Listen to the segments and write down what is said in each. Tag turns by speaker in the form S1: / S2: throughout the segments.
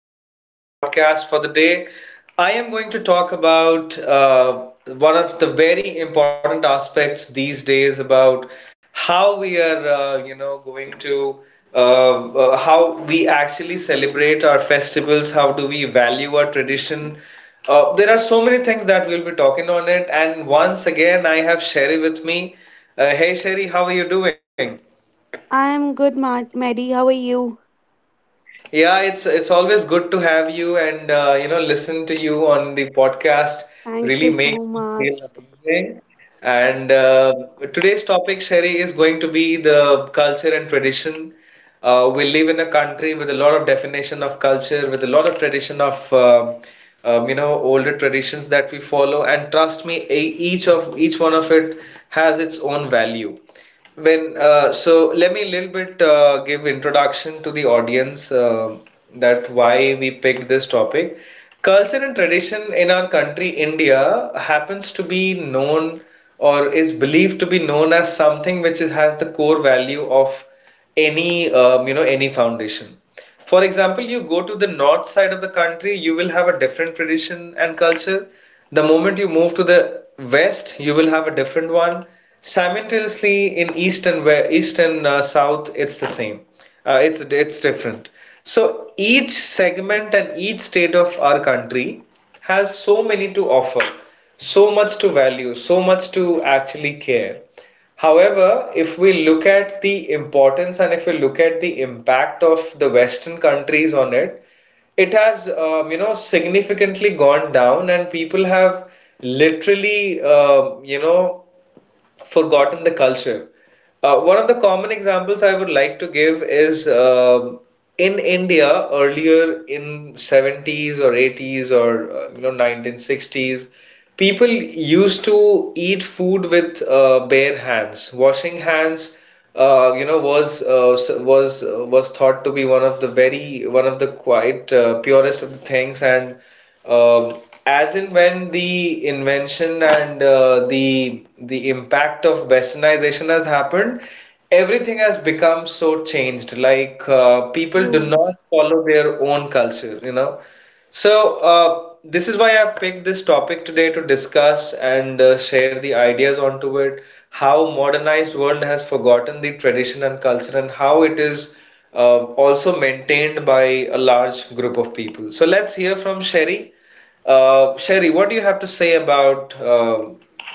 S1: with another podcast for the day. I am going to talk about one of the very important aspects these days about how we are, going to how we actually celebrate our festivals, how do we value our tradition. There are so many things that we'll be talking on it, and once again, I have Sherry with me. Hey, Sherry, how are you doing?
S2: I'm good, Mary. How are you?
S1: Yeah, it's always good to have you and listen to you on the podcast
S2: Thank
S1: really
S2: you so
S1: makes me feel
S2: much.
S1: amazing. And today's topic, Sherry, is going to be the culture and tradition. We live in a country with a lot of definition of culture, with a lot of tradition of older traditions that we follow. And trust me, each one of it has its own value. When so let me a little bit give introduction to the audience that why we picked this topic. Culture and tradition in our country, India, happens to be known or is believed to be known as something which is, has the core value of any any foundation. For example, you go to the north side of the country, you will have a different tradition and culture. The moment you move to the west, you will have a different one. Simultaneously in east and west, east and south it's the same. It's different. So each segment and each state of our country has so many to offer, so much to value, so much to actually care. However, if we look at the importance and if we look at the impact of the Western countries on it, it has significantly gone down, and people have literally forgotten the culture. One of the common examples I would like to give is in India earlier in 70s or 80s or 1960s, people used to eat food with bare hands. Washing hands, was was thought to be one of the very, one of the quite purest of the things. And um, as in when the invention and the impact of westernization has happened, everything has become so changed. Like people do
S2: True.
S1: not follow their own culture. So this is why I picked this topic today to discuss and share the ideas onto it. How modernized world has forgotten the tradition and culture, and how it is also maintained by a large group of people. So let's hear from Sherry. Sherry, what do you have to say about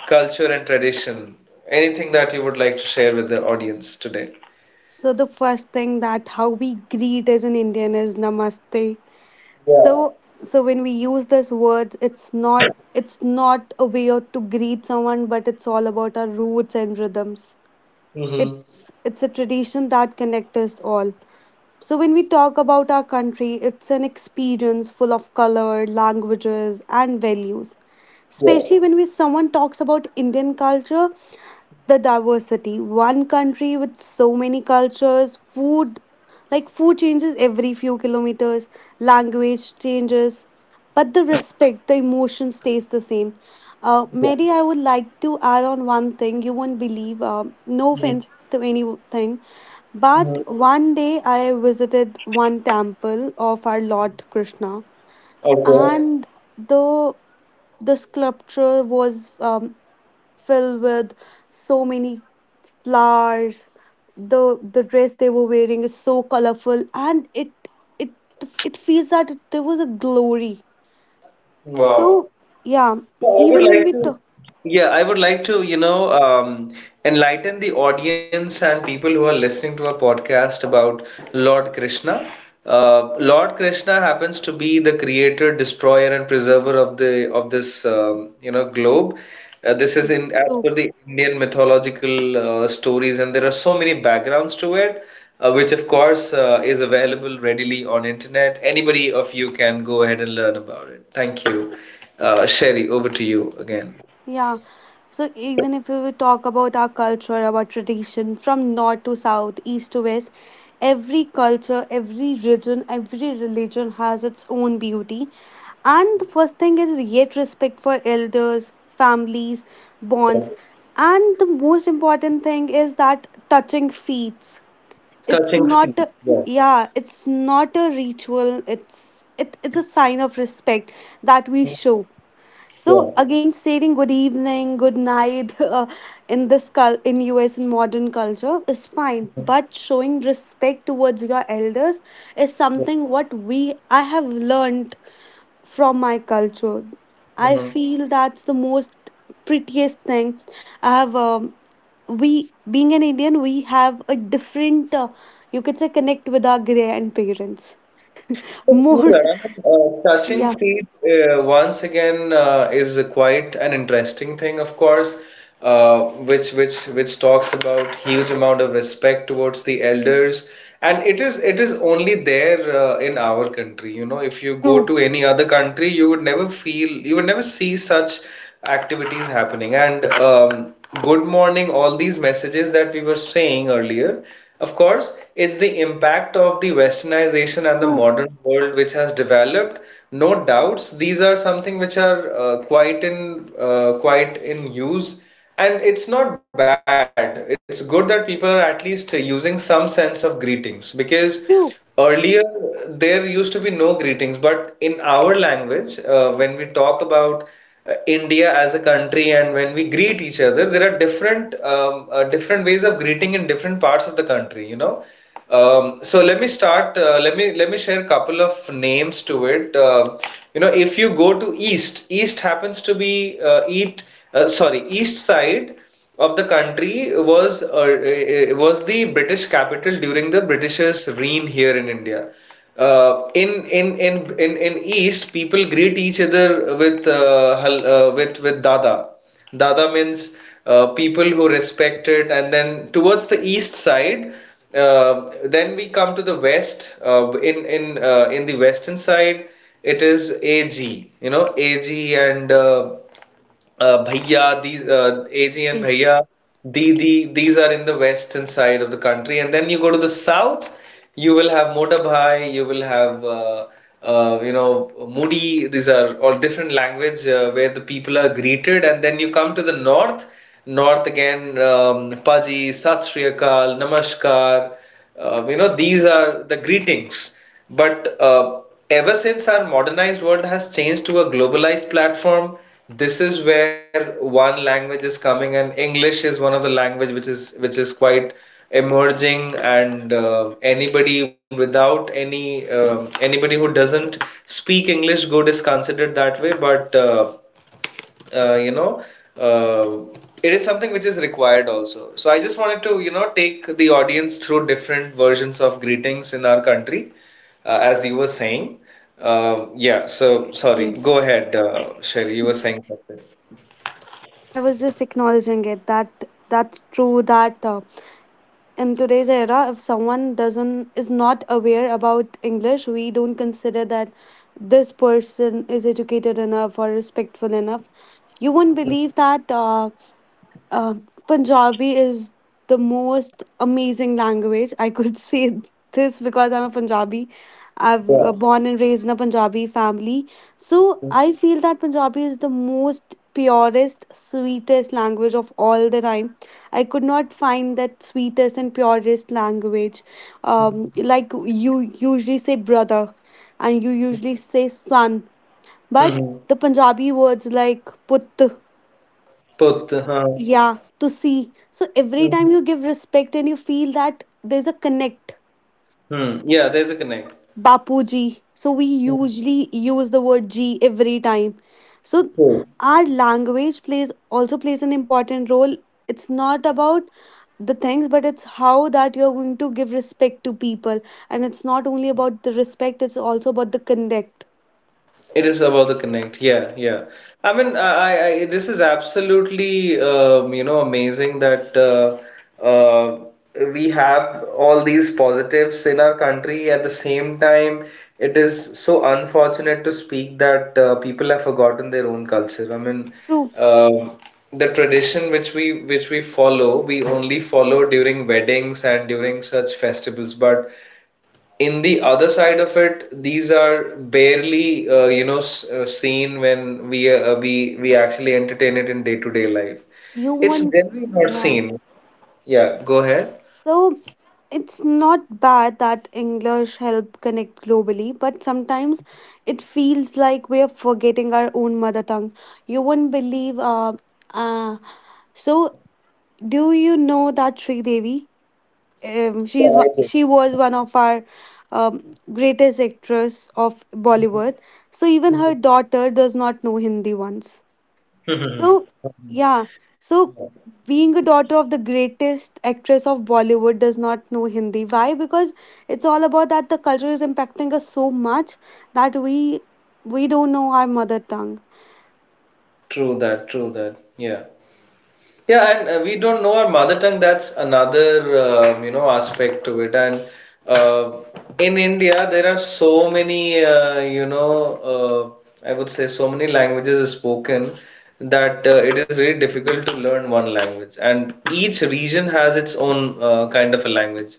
S1: culture and tradition? Anything that you would like to share with the audience today?
S2: So the first thing that how we greet as an Indian is namaste.
S1: Yeah.
S2: So so when we use this word, it's not to greet someone, but it's all about our roots and rhythms.
S1: Mm-hmm.
S2: It's a tradition that connects us all. So when we talk about our country, it's an experience full of color, languages, and values.
S1: Yeah,
S2: Especially when we someone talks about Indian culture, the diversity, one country with so many cultures, food. Like food changes every few kilometers, language changes, but the respect, the emotion stays the same.
S1: yeah.
S2: Mary, I would like to add on one thing. You won't believe, no
S1: Mm.
S2: offense to anything, but
S1: Mm.
S2: one day I visited one temple of our Lord Krishna.
S1: Okay.
S2: And the sculpture was filled with so many flowers. The dress they were wearing is so colorful, and it it feels that there was a glory.
S1: Wow.
S2: So yeah.
S1: So I would
S2: Even when
S1: like
S2: we
S1: to,
S2: talk,
S1: yeah, I would like to, enlighten the audience and people who are listening to our podcast about Lord Krishna. Lord Krishna happens to be the creator, destroyer, and preserver of the of this, globe. This is in as
S2: so
S1: per the Indian mythological stories, and there are so many backgrounds to it, which of course is available readily on internet. Anybody of you can go ahead and learn about it. Thank you. Sherry, over to you again.
S2: yeah, so even if we would talk about our culture, our tradition, from north to south, east to west, every culture, every region, every religion has its own beauty. And the first thing is yet respect for elders, families, bonds. And the most important thing is that touching feet. It's
S1: Touching feet.
S2: not a,
S1: Yeah.
S2: yeah, it's not a ritual. It's a sign of respect that we show.
S1: Yeah.
S2: So again, saying good evening, good night in this in US, in modern culture, is fine, but showing respect towards your elders is something what we I have learned from my culture. I
S1: Mhm.
S2: feel that's the most prettiest thing. I have we being an Indian, we have a different you could say connect with our grandparents
S1: But true
S2: more.
S1: that, I mean, touching
S2: Yeah,
S1: feet once again is a quite an interesting thing, of course, uh, which talks about huge amount of respect towards the elders, and it is only there in our country. You know, if you go
S2: true,
S1: to any other country, you would never see such activities happening. And good morning, all these messages that we were saying earlier, of course, it's the impact of the westernization and the
S2: true,
S1: modern world which has developed. No doubts, these are something which are quite in use. And it's not bad. It's good that people are at least using some sense of greetings because
S2: true.
S1: earlier, there used to be no greetings, but in our language, when we talk about India as a country and when we greet each other, there are different different ways of greeting in different parts of the country. So let me start. Let me share a couple of names to it. If you go to East, East happens to be eat. Sorry, East side of the country was was the British capital during the British's reign here in India. In East, people greet each other with hal- with Dada. Dada means people who respect it, and then towards the east side, then we come to the west. In the western side, it is AG. You know, AG and bhaiya, these AG and
S2: Yes,
S1: bhaiya, these are in the western side of the country. And then you go to the south, you will have mota bhai, you will have mudi. These are all different language where the people are greeted. And then you come to the north, north again, paji, sat Sri Akal, namaskar, these are the greetings. But ever since our modernized world has changed to a globalized platform, this is where one language is coming, and English is one of the language which is quite emerging. And anybody without any anybody who doesn't speak English good is considered that way. But uh, you know, uh, it is something which is required also. So I just wanted to take the audience through different versions of greetings in our country, as you were saying. Yeah, so sorry, go
S2: yes.
S1: ahead, Sherry, you were saying something.
S2: Yeah, I was just acknowledging it that that's true that. In today's era, if someone doesn't is not aware about English, we don't consider that this person is educated enough or respectful enough. You won't believe that uh, Punjabi is the most amazing language. I could say this because I'm a Punjabi. I've
S1: Yeah.
S2: born and raised in a Punjabi family. So I feel that Punjabi is the most purest, sweetest language of all the time. I could not find that sweetest and purest language. Like you usually say brother and you usually say son. But
S1: Mm-hmm.
S2: the Punjabi words like put,
S1: Put, huh.
S2: yeah, to see. So every
S1: Hmm.
S2: time you give respect and you feel that there's a connect,
S1: Hmm. Yeah, there's a connect.
S2: Bapuji. So we usually use the word G every time. So
S1: Hmm.
S2: our language plays also plays an important role. It's not about the things, but it's how that you're going to give respect to people. And it's not only about the respect, it's also about the connect.
S1: It is about the connect. Yeah, yeah. I mean, this is absolutely amazing that uh, we have all these positives in our country. At the same time, it is so unfortunate to speak that people have forgotten their own culture. I mean,
S2: True.
S1: um the tradition which we follow, we only follow during weddings and during such festivals. But in the other side of it, these are barely seen when we actually entertain it in day-to-day life.
S2: You
S1: It's
S2: want,
S1: generally not
S2: yeah.
S1: seen. Yeah, go ahead.
S2: So it's not bad that English help connect globally, but sometimes it feels like we are forgetting our own mother tongue. You won't believe. Uh, so do you know that Sri Devi?
S1: Yeah,
S2: She's
S1: I do.
S2: she was one of our um, greatest actress of Bollywood. So even her daughter does not know Hindi once. So, yeah. So, being a daughter of the greatest actress of Bollywood does not know Hindi. Why? Because it's all about that the culture is impacting us so much that we don't know our mother tongue.
S1: True that, true that. Yeah. Yeah, and we don't know our mother tongue. That's another aspect to it. And uh, in India, there are so many I would say so many languages spoken that it is very difficult to learn one language. And each region has its own kind of a language.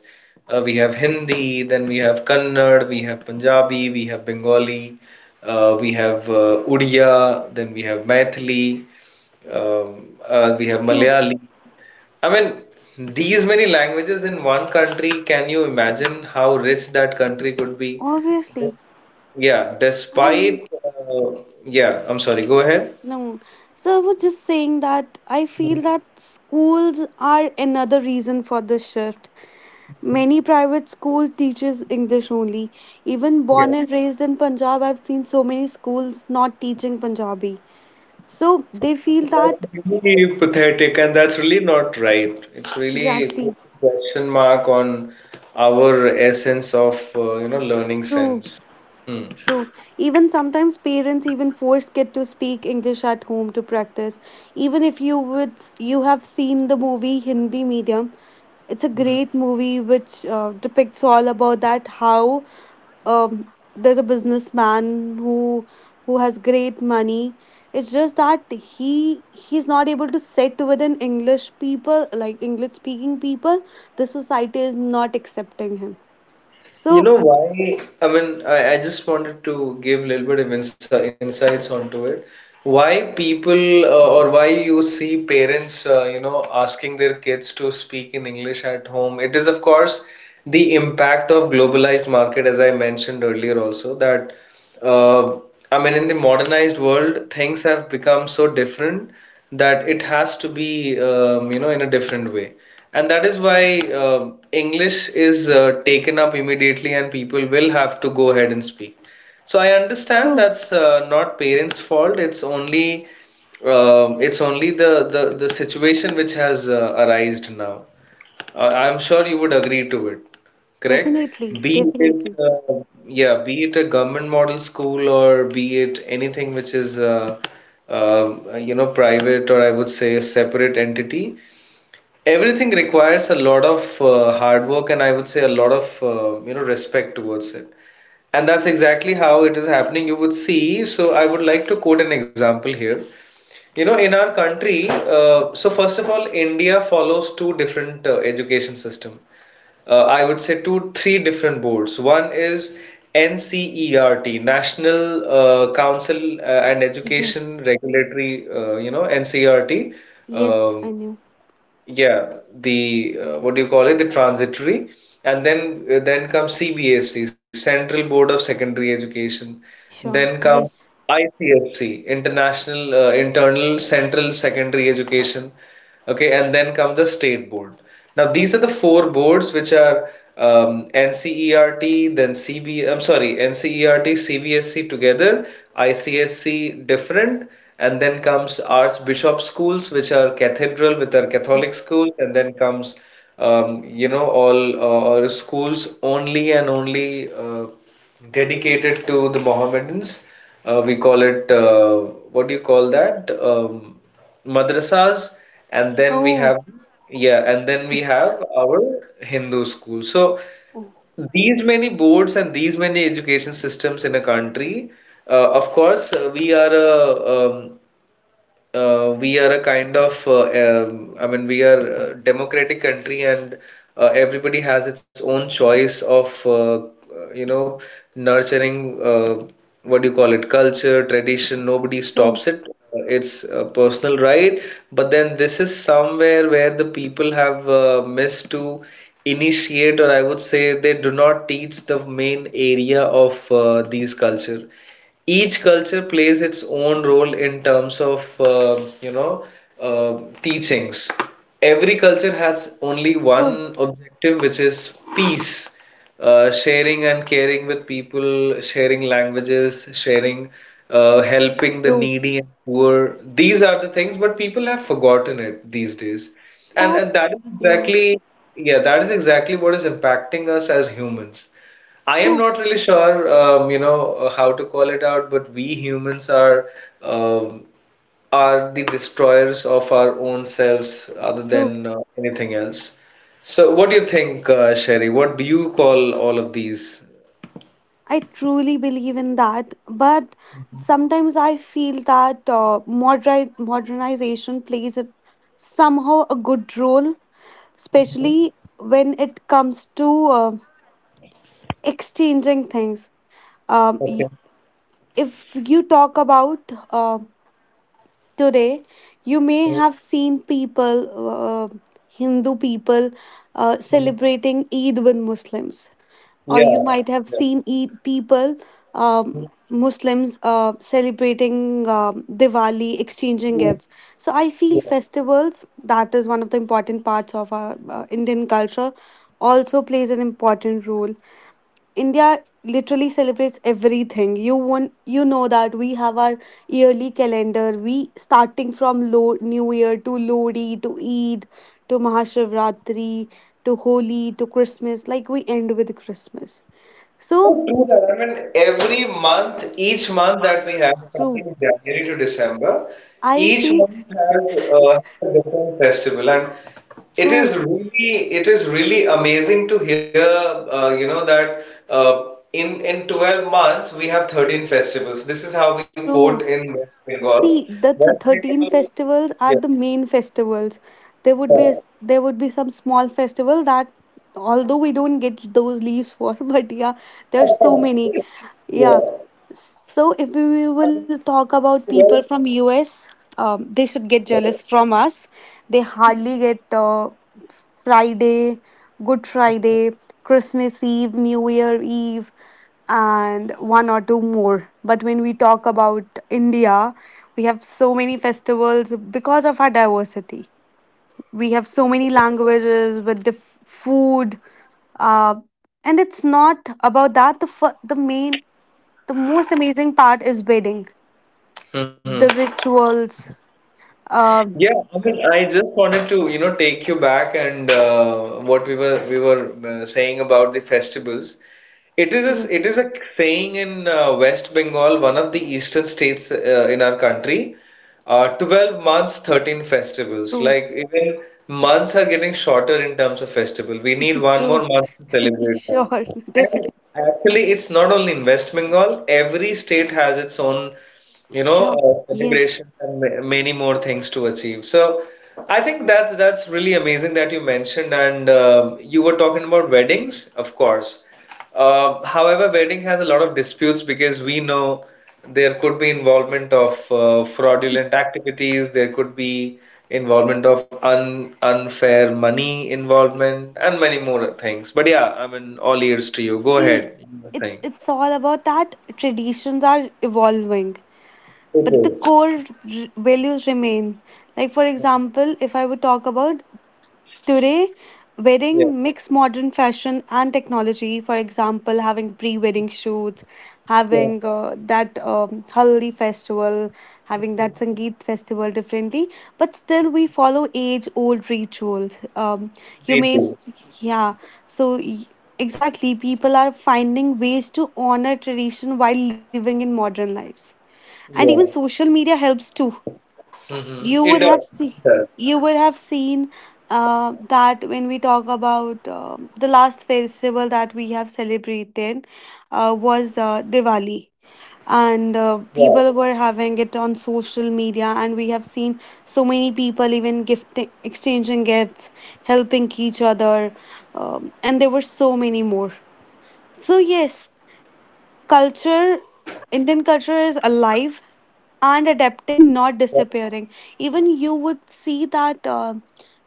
S1: We have Hindi, then we have Kannada, we have Punjabi, we have Bengali, we have Odia, then we have Maithili, we have
S2: True,
S1: Malayali. I mean, these many languages in one country, can you imagine how rich that country could be?
S2: obviously.
S1: Yeah,
S2: And
S1: despite, yeah, I'm sorry, go ahead.
S2: no. So I was just saying that I
S1: Mm.
S2: feel that schools are another reason for this shift. Many private school teaches English only. Even born
S1: Yeah,
S2: and raised in Punjab, I've seen so many schools not teaching Punjabi. So they feel
S1: that's
S2: that
S1: really pathetic, and that's really not right. It's really
S2: exactly
S1: puts a question mark on our essence of, learning
S2: true,
S1: sense. Hmm.
S2: true. Even sometimes parents even force kid to speak English at home to practice. Even if you would you have seen the movie Hindi Medium, it's a great movie which depicts all about that how there's a businessman who who has great money. It's just that he's not able to sit with an English people, like English speaking people, the society is not accepting him.
S1: You know
S2: So
S1: why? I mean, I just wanted to give a little bit of insights onto it. Why people or why you see parents, asking their kids to speak in English at home. It is, of course, the impact of globalized market, as I mentioned earlier also, that. Uh, I mean, in the modernized world, things have become so different that it has to be, in a different way. And that is why um English is taken up immediately and people will have to go ahead and speak. So I understand
S2: true.
S1: that's not parents' fault. It's only the situation which has arisen now. I'm sure you would agree to it. Correct.
S2: Definitely,
S1: Be it
S2: definitely.
S1: Yeah, be it a government model school or be it anything which is uh, private or I would say a separate entity. Everything requires a lot of hard work and I would say a lot of respect towards it. And that's exactly how it is happening. You would see. So I would like to quote an example here. In our country, so first of all, India follows two different education system. I would say two, three different boards. One is NCERT, National Council and Education
S2: Yes,
S1: Regulatory, NCERT.
S2: yes,
S1: Um,
S2: I knew.
S1: yeah, the what do you call it? The transitory, and then comes CBSE, Central Board of Secondary Education. Then
S2: Sure,
S1: comes
S2: yes.
S1: ICSC, International Internal Central Secondary Education. Okay, and then comes the State Board. Now, these are the four boards which are NCERT, then C am sorry, NCERT CBSC together, ICSC different, and then comes Archbishop schools, which are cathedral with our
S2: Mm.
S1: Catholic schools, and then comes, all, or schools only and only dedicated to the Mohammedans. We call it, what do you call that? Madrasas, and then we
S2: Oh.
S1: have yeah and then we have our Hindu school. So
S2: Oh,
S1: these many boards and these many education systems in a country. Of course, um, we are a kind of, I mean, we are a democratic country, and everybody has its own choice of, you know nurturing, what do you call it, culture, tradition. Nobody stops
S2: true,
S1: it. It's a personal right, but then this is somewhere where the people have missed to initiate, or I would say they do not teach the main area of these culture. Each culture plays its own role in terms of, teachings. Every culture has only one
S2: true,
S1: objective, which is peace, sharing and caring with people, sharing languages, sharing, helping the
S2: true,
S1: needy and poor. These are the things, but people have forgotten it these days. and,
S2: but
S1: and
S2: yeah.
S1: that is exactly what is impacting us as humans. I am
S2: True,
S1: not really sure, how to call it out, but we humans um, are the destroyers of our own selves, other
S2: true.
S1: than anything else. So, what do you think, Sherry? What do you call all of these?
S2: I truly believe in that, but sometimes I feel that modernization plays a, somehow a good role,
S1: Mhm.
S2: especially when it comes to exchanging things. Um,
S1: Okay.
S2: y- if you talk about uh, today, you may
S1: Mhm.
S2: have seen people, Hindu people,
S1: Mhm.
S2: celebrating Eid with Muslims, or you might have
S1: Yeah.
S2: seen people, Muslims celebrating Diwali, exchanging gifts. So I feel
S1: Yeah.
S2: festivals, that is one of the important parts of our Indian culture, also plays an important role. India literally celebrates everything you want. You know that we have our yearly calendar. We, starting from new year, to lodi, to Eid, to Mahashivratri, to Holi, to Christmas. Like we end with Christmas. So
S1: True that. I mean, each month that we have,
S2: true.
S1: starting January to December,
S2: I
S1: each
S2: feel
S1: month has a different festival, and
S2: true,
S1: it is really amazing to hear, that in 12 months we have 13 festivals. This is how we quote
S2: true.
S1: in West Bengal.
S2: See, the
S1: West
S2: 13
S1: Bengal,
S2: festivals are the
S1: yeah,
S2: main festivals. There would be there would be some small festival that, although we don't get those leaves for, but yeah, there's so many. Yeah.
S1: yeah.
S2: So if we
S1: I
S2: will
S1: mean,
S2: talk about people
S1: 12.
S2: from US, they should get jealous from us. They hardly get Friday, Good Friday, Christmas Eve, New Year Eve, and one or two more. But when we talk about India, we have so many festivals because of our diversity. We have so many languages with the food, uh, and it's not about that. The main, the most amazing part is wedding,
S1: Hmm.
S2: the rituals. Uh,
S1: Yeah, I mean, I just wanted to, take you back, and what we were saying about the festivals. It is a, it
S2: yes,
S1: is a saying in, West Bengal, one of the eastern states, in our country. 12 months, 13 festivals.
S2: true,
S1: Like even months are getting shorter in terms of festival. We need one more
S2: true.
S1: month to celebrate
S2: Sure,
S1: that.
S2: definitely.
S1: And actually, it's not only in West Bengal. Every state has its own, you know,
S2: Sure. Yes.
S1: celebration, and many more things to achieve. So I think that's really amazing that you mentioned. And, you were talking about weddings, of course. However, wedding has a lot of disputes because we know there could be involvement of fraudulent activities, there could be involvement of un unfair money involvement, and many more things. But yeah, I mean, all ears to you. Go
S2: See,
S1: ahead. You were saying.
S2: it's all about that traditions are evolving,
S1: It
S2: but the
S1: is.
S2: core values remain. Like, for example, if I would talk about today,
S1: Yeah.
S2: wedding mix modern fashion and technology. For example, having pre wedding shoots,
S1: Yeah.
S2: having that Haldi festival, having that Sangeet festival differently, but still we follow age old rituals. You
S1: They
S2: may,
S1: do.
S2: yeah, so. Exactly, people are finding ways to honor tradition while living in modern lives, and even
S1: Yeah.
S2: social media helps too.
S1: Mhm.
S2: you
S1: It
S2: would
S1: does.
S2: have
S1: It
S2: see
S1: does.
S2: you would have seen that when we talk about the last festival that we have celebrated was Diwali,
S1: Yeah.
S2: and people were having it on social media, and we have seen so many people even gift exchanging gifts, helping each other, and there were so many more. So yes, culture Indian culture is alive and
S1: Yeah.
S2: adapting, not disappearing. Even you would see that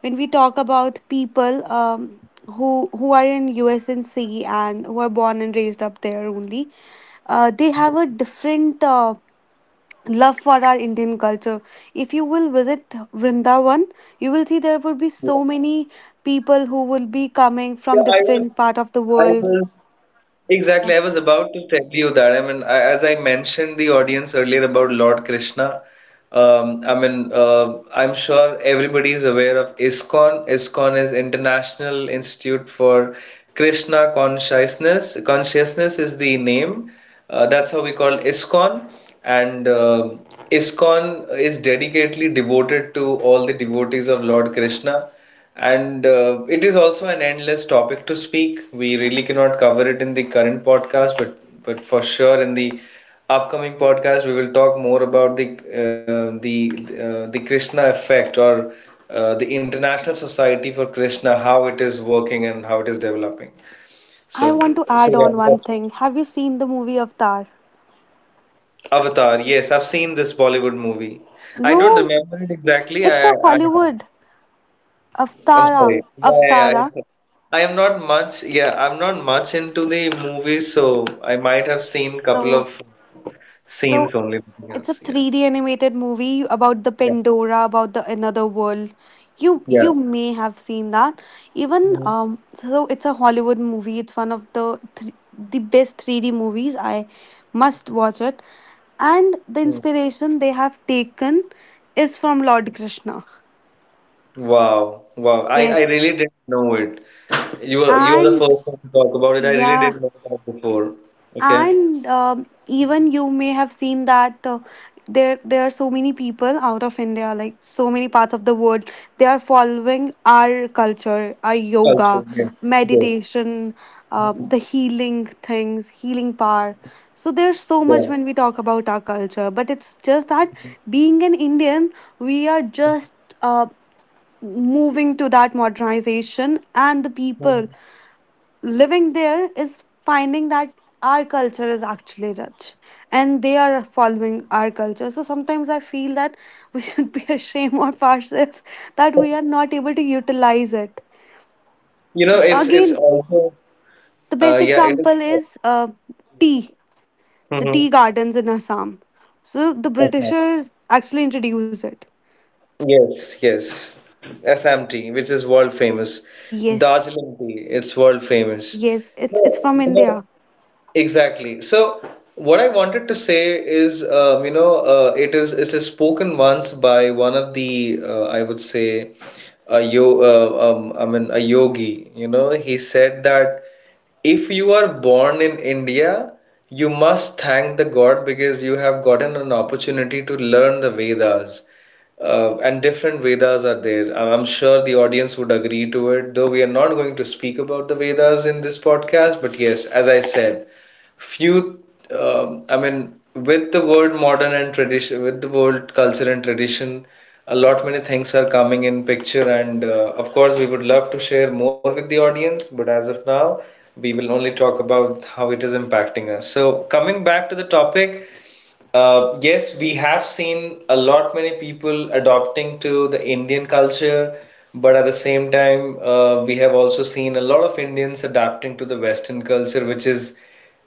S2: when we talk about people, who are in US and C, and who are born and raised up there only, they have a different love for our Indian culture. If you will visit Vrindavan, you will see
S1: Yeah.
S2: there would be so many people who will be
S1: Yeah, I
S2: coming
S1: was.
S2: from different
S1: I
S2: part of the
S1: was
S2: world.
S1: Exactly. I was about to tell you that. I mean, as I mentioned the audience earlier about Lord Krishna. I mean, I'm sure everybody is aware of ISKCON. ISKCON is International Institute for Krishna Consciousness. Consciousness is the name. That's how we call ISKCON. And ISKCON is dedicatedly devoted to all the devotees of Lord Krishna. And it is also an endless topic to speak. We really cannot cover it in the current podcast, but for sure in the upcoming podcast we will talk more about the Krishna effect, or the International Society for Krishna, how it is working and how it is developing. So
S2: I want to
S1: so
S2: add
S1: yeah,
S2: on
S1: that's
S2: one thing. Have you seen the movie Avatar?
S1: Avatar. Yes, I've seen this Bollywood movie. I don't
S2: No,
S1: remember it exactly.
S2: it's
S1: I I
S2: a
S1: I have.
S2: Hollywood.
S1: I'm
S2: Avtara.
S1: sorry. Yeah, yeah, yeah.
S2: Avtara.
S1: Okay. I am not much. Yeah, I'm not much into the movies, so I might have seen couple
S2: So
S1: of scenes
S2: so
S1: only. Nothing
S2: it's a
S1: else. Yeah,
S2: 3D animated movie about the
S1: yeah,
S2: Pandora, about the another world.
S1: yeah.
S2: You may have seen that. Even
S1: Mm,
S2: so it's a Hollywood movie. It's one of the three the best 3D movies. I must watch it. And
S1: mm.
S2: the inspiration they have taken is from Lord Krishna.
S1: Wow, wow. I really
S2: Yes.
S1: didn't know it. You were the
S2: And
S1: first one to talk about it. I really
S2: yeah,
S1: didn't know that before. Okay.
S2: and even you may have seen that there are so many people out of India, like so many parts of the world, they are following our culture, our yoga,
S1: Culture. Yes. Yes.
S2: meditation, the healing things healing power. So there's so
S1: Yeah.
S2: much when we talk about our culture. But it's just that, being an Indian, we are just uh, moving to that modernization, and the
S1: Mhm.
S2: people living there is finding that our culture is actually rich, and they are following our culture. So sometimes I feel that we should be ashamed of ourselves that we are not able to utilize it.
S1: It's
S2: Again,
S1: also,
S2: the best
S1: yeah, it is.
S2: example is tea, the tea
S1: Mm-hmm.
S2: gardens in Assam. So the Britishers actually introduced it.
S1: Yes, yes. SMT, which is world famous.
S2: Yes,
S1: Darjeeling tea, it's world famous.
S2: yes, it's
S1: So,
S2: from
S1: you
S2: India.
S1: know, Exactly. So what I wanted to say is, it is spoken once by one of the, I would say, a yo I mean a yogi. He said that if you are born in India, you must thank the God because you have gotten an opportunity to learn the Vedas. And different Vedas are there. I'm sure the audience would agree to it, though we are not going to speak about the Vedas in this podcast. But yes, as I said, few. I mean, with the word modern and tradition, with the word culture and tradition, a lot many things are coming in picture. And, of course, we would love to share more with the audience, but as of now we will only talk about how it is impacting us. So coming back to the topic, yes, we have seen a lot many people adopting to the Indian culture, but at the same time, we have also seen a lot of Indians adapting to the Western culture, which is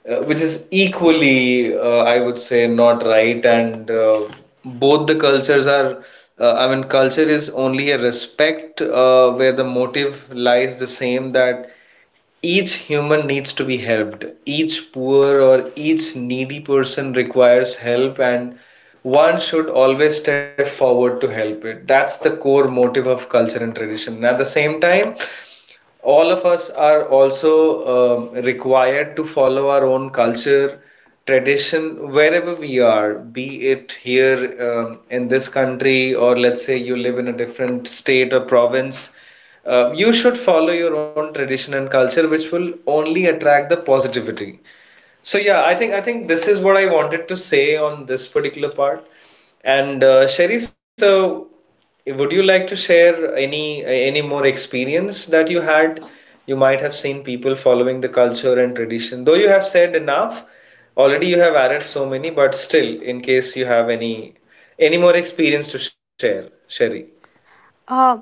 S1: uh, which is equally, I would say, not right. And, both the cultures are, I mean, culture is only a respect, where the motive lies the same, that each human needs to be helped. Each poor or each needy person requires help, and one should always step forward to help it. That's the core motive of culture and tradition. And at the same time, all of us are also, required to follow our own culture, tradition, wherever we are, be it here, in this country, or let's say you live in a different state or province. You should follow your own tradition and culture, which will only attract the positivity. So yeah, I think this is what I wanted to say on this particular part. And, Sherry, so would you like to share any more experience that you had? You might have seen people following the culture and tradition. Though you have said enough, already you have added so many, but still, in case you have any more experience to share, Sherry.
S2: Uh,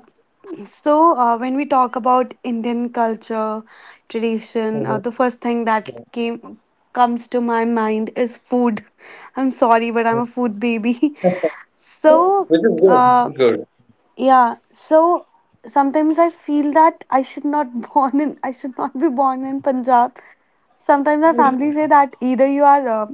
S2: So, when we talk about Indian culture,
S1: Mhm.
S2: tradition, the first thing that came comes to my mind is food. I'm
S1: Yeah. Mhm.
S2: sorry, but I'm a food baby. So,
S1: Which is good, which
S2: uh,
S1: is
S2: yeah. So sometimes I feel that I should not born in I should not be born in Punjab. Sometimes my
S1: good.
S2: family say that either you are um,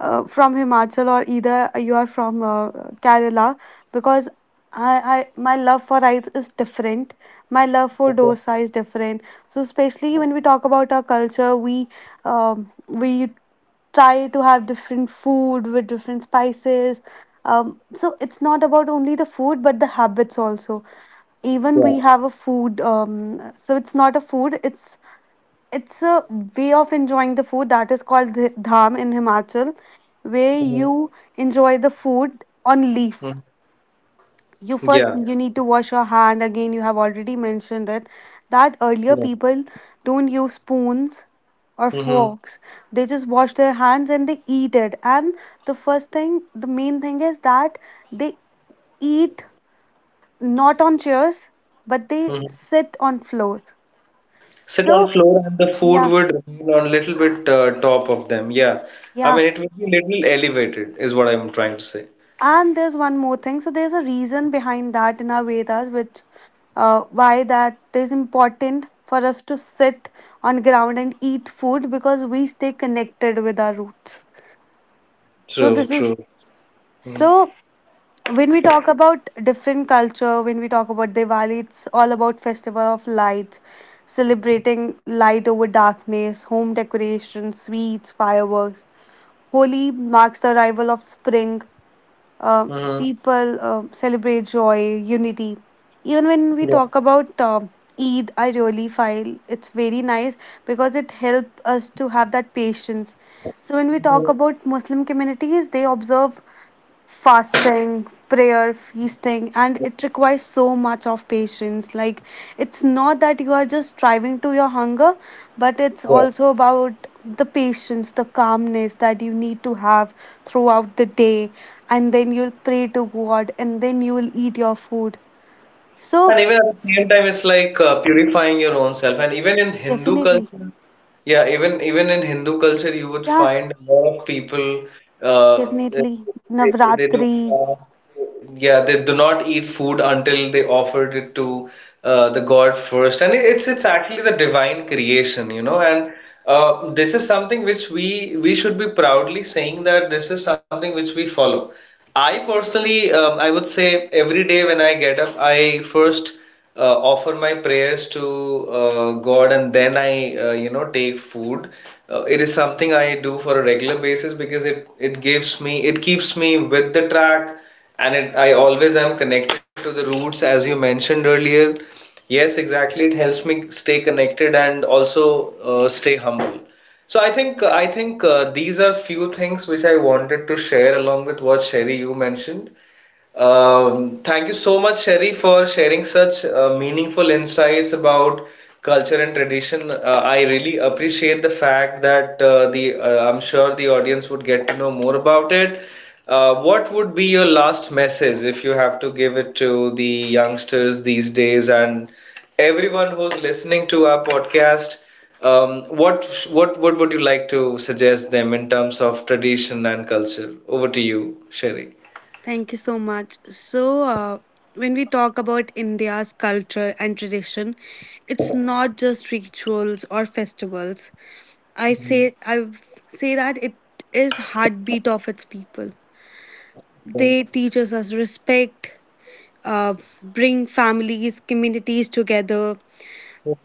S2: uh, from Himachal, or either you are from Kerala, because I, my love for rice is different. My love for
S1: Okay.
S2: dosa is different. So especially when we talk about our culture, we try to have different food with different spices. So it's not about only the food but the habits also. Even
S1: Yeah.
S2: we have a food. So it's not a food. It's a way of enjoying the food that is called dham in Himachal, where you enjoy the food on
S1: Mhm.
S2: leaf. You
S1: Yeah,
S2: first you need to wash your hand. Again, you have already mentioned it that earlier
S1: yeah.
S2: people don't use spoons or
S1: Mm-hmm.
S2: forks. They just wash their hands and they eat it. And the first thing, the main thing is that they eat not on chairs, but they
S1: Hmm.
S2: sit on floor.
S1: Sit on
S2: So
S1: floor and the food
S2: yeah,
S1: would remain on little bit, top of them. Yeah. I
S2: yeah.
S1: mean, it would be little elevated is what I'm trying to say.
S2: And there's one more thing. So there's a reason behind that in our Vedas, which why that is important for us to sit on ground and eat food, because we stay connected with our roots. So
S1: True,
S2: this
S1: true.
S2: is,
S1: Mm-hmm.
S2: so when we talk about different culture, when we talk about Diwali, it's all about festival of lights, celebrating light over darkness, home decorations, sweets, fireworks. Holi marks the arrival of spring, uh,
S1: Mm-hmm.
S2: people celebrate joy, unity. Even when
S1: Yeah.
S2: we talk about Eid, I really find it's very nice because it helps us to have that patience. So when we
S1: Mhm.
S2: talk about Muslim communities, they observe fasting, prayer, feasting, and it requires so much of patience. Like, it's not that you are just striving to your hunger, but it's
S1: Yeah.
S2: also about the patience, the calmness that you need to have throughout the day. And then you'll pray to God and then you will eat your food.
S1: And
S2: So,
S1: even at the same time, it's like, purifying your own self. And even in Hindu
S2: definitely,
S1: culture, yeah, even in Hindu culture, you would
S2: yeah,
S1: find a lot of people. Uh,
S2: definitely.
S1: they, they do,
S2: Navratri.
S1: uh, yeah, they do not eat food until they offered it to, the God first. And it's actually the divine creation. And, this is something which we should be proudly saying, that this is something which we follow. I personally, I would say every day when I get up, I first, offer my prayers to, God, and then I, take food. It is something I do for a regular basis, because it gives me, it keeps me with the track, and it I always am connected to the roots, as you mentioned earlier. Yes, exactly. It helps me stay connected, and also, stay humble. So I think, these are few things which I wanted to share, along with what Sherry, you mentioned. Thank you so much, Sherry, for sharing such, meaningful insights about culture and tradition. I really appreciate the fact that, the I'm sure the audience would get to know more about it. What would be your last message if you have to give it to the youngsters these days, and everyone who's listening to our podcast? What would you like to suggest them in terms of tradition and culture? Over to you, Sherry.
S2: Thank you so much. So, when we talk about India's culture and tradition, it's not just rituals or festivals. I say that it is heartbeat of its people. They teach us respect, uh, bring families, communities together,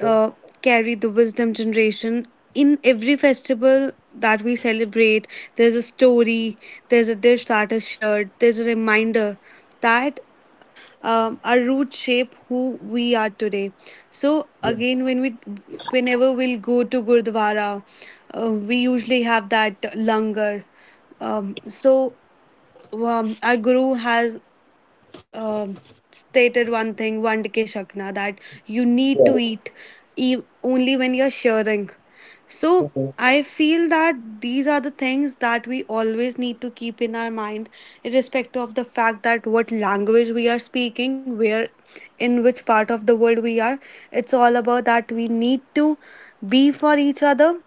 S2: uh, carry the wisdom generation. In every festival that we celebrate, there's a story, there's a dish that is shared, there's a reminder that, our roots shape who we are today. So again, whenever we'll go to Gurdwara, we usually have that langar. Um, so our guru has um stated one thing, one ke shakna, that you need to eat only when you're sharing. So
S1: Yeah.
S2: I feel that these are the things that we always need to keep in our mind, irrespective of the fact that what language we are speaking, where in which part of the world we are. It's all about that we need to be for each other.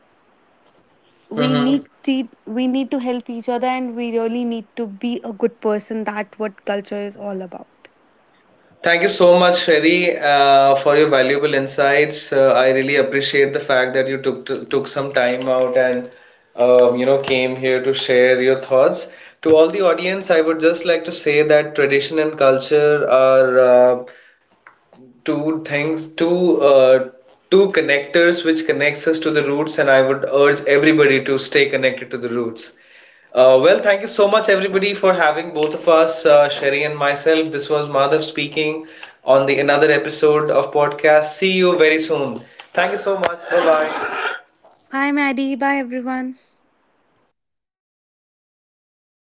S1: Mm-hmm.
S2: We need to help each other, and we really need to be a good person. That what culture is all about.
S1: Thank you so much, Sherry, for your valuable insights. I really appreciate the fact that you took some time out, and, came here to share your thoughts. To all the audience, I would just like to say that tradition and culture are, two things, two connectors which connects us to the roots, and I would urge everybody to stay connected to the roots. Well, thank you so much, everybody, for having both of us, Sherry and myself. This was Madhav speaking on the another episode of podcast. See you very soon. Thank you so much. Bye bye.
S2: Hi, Maddie. Bye everyone.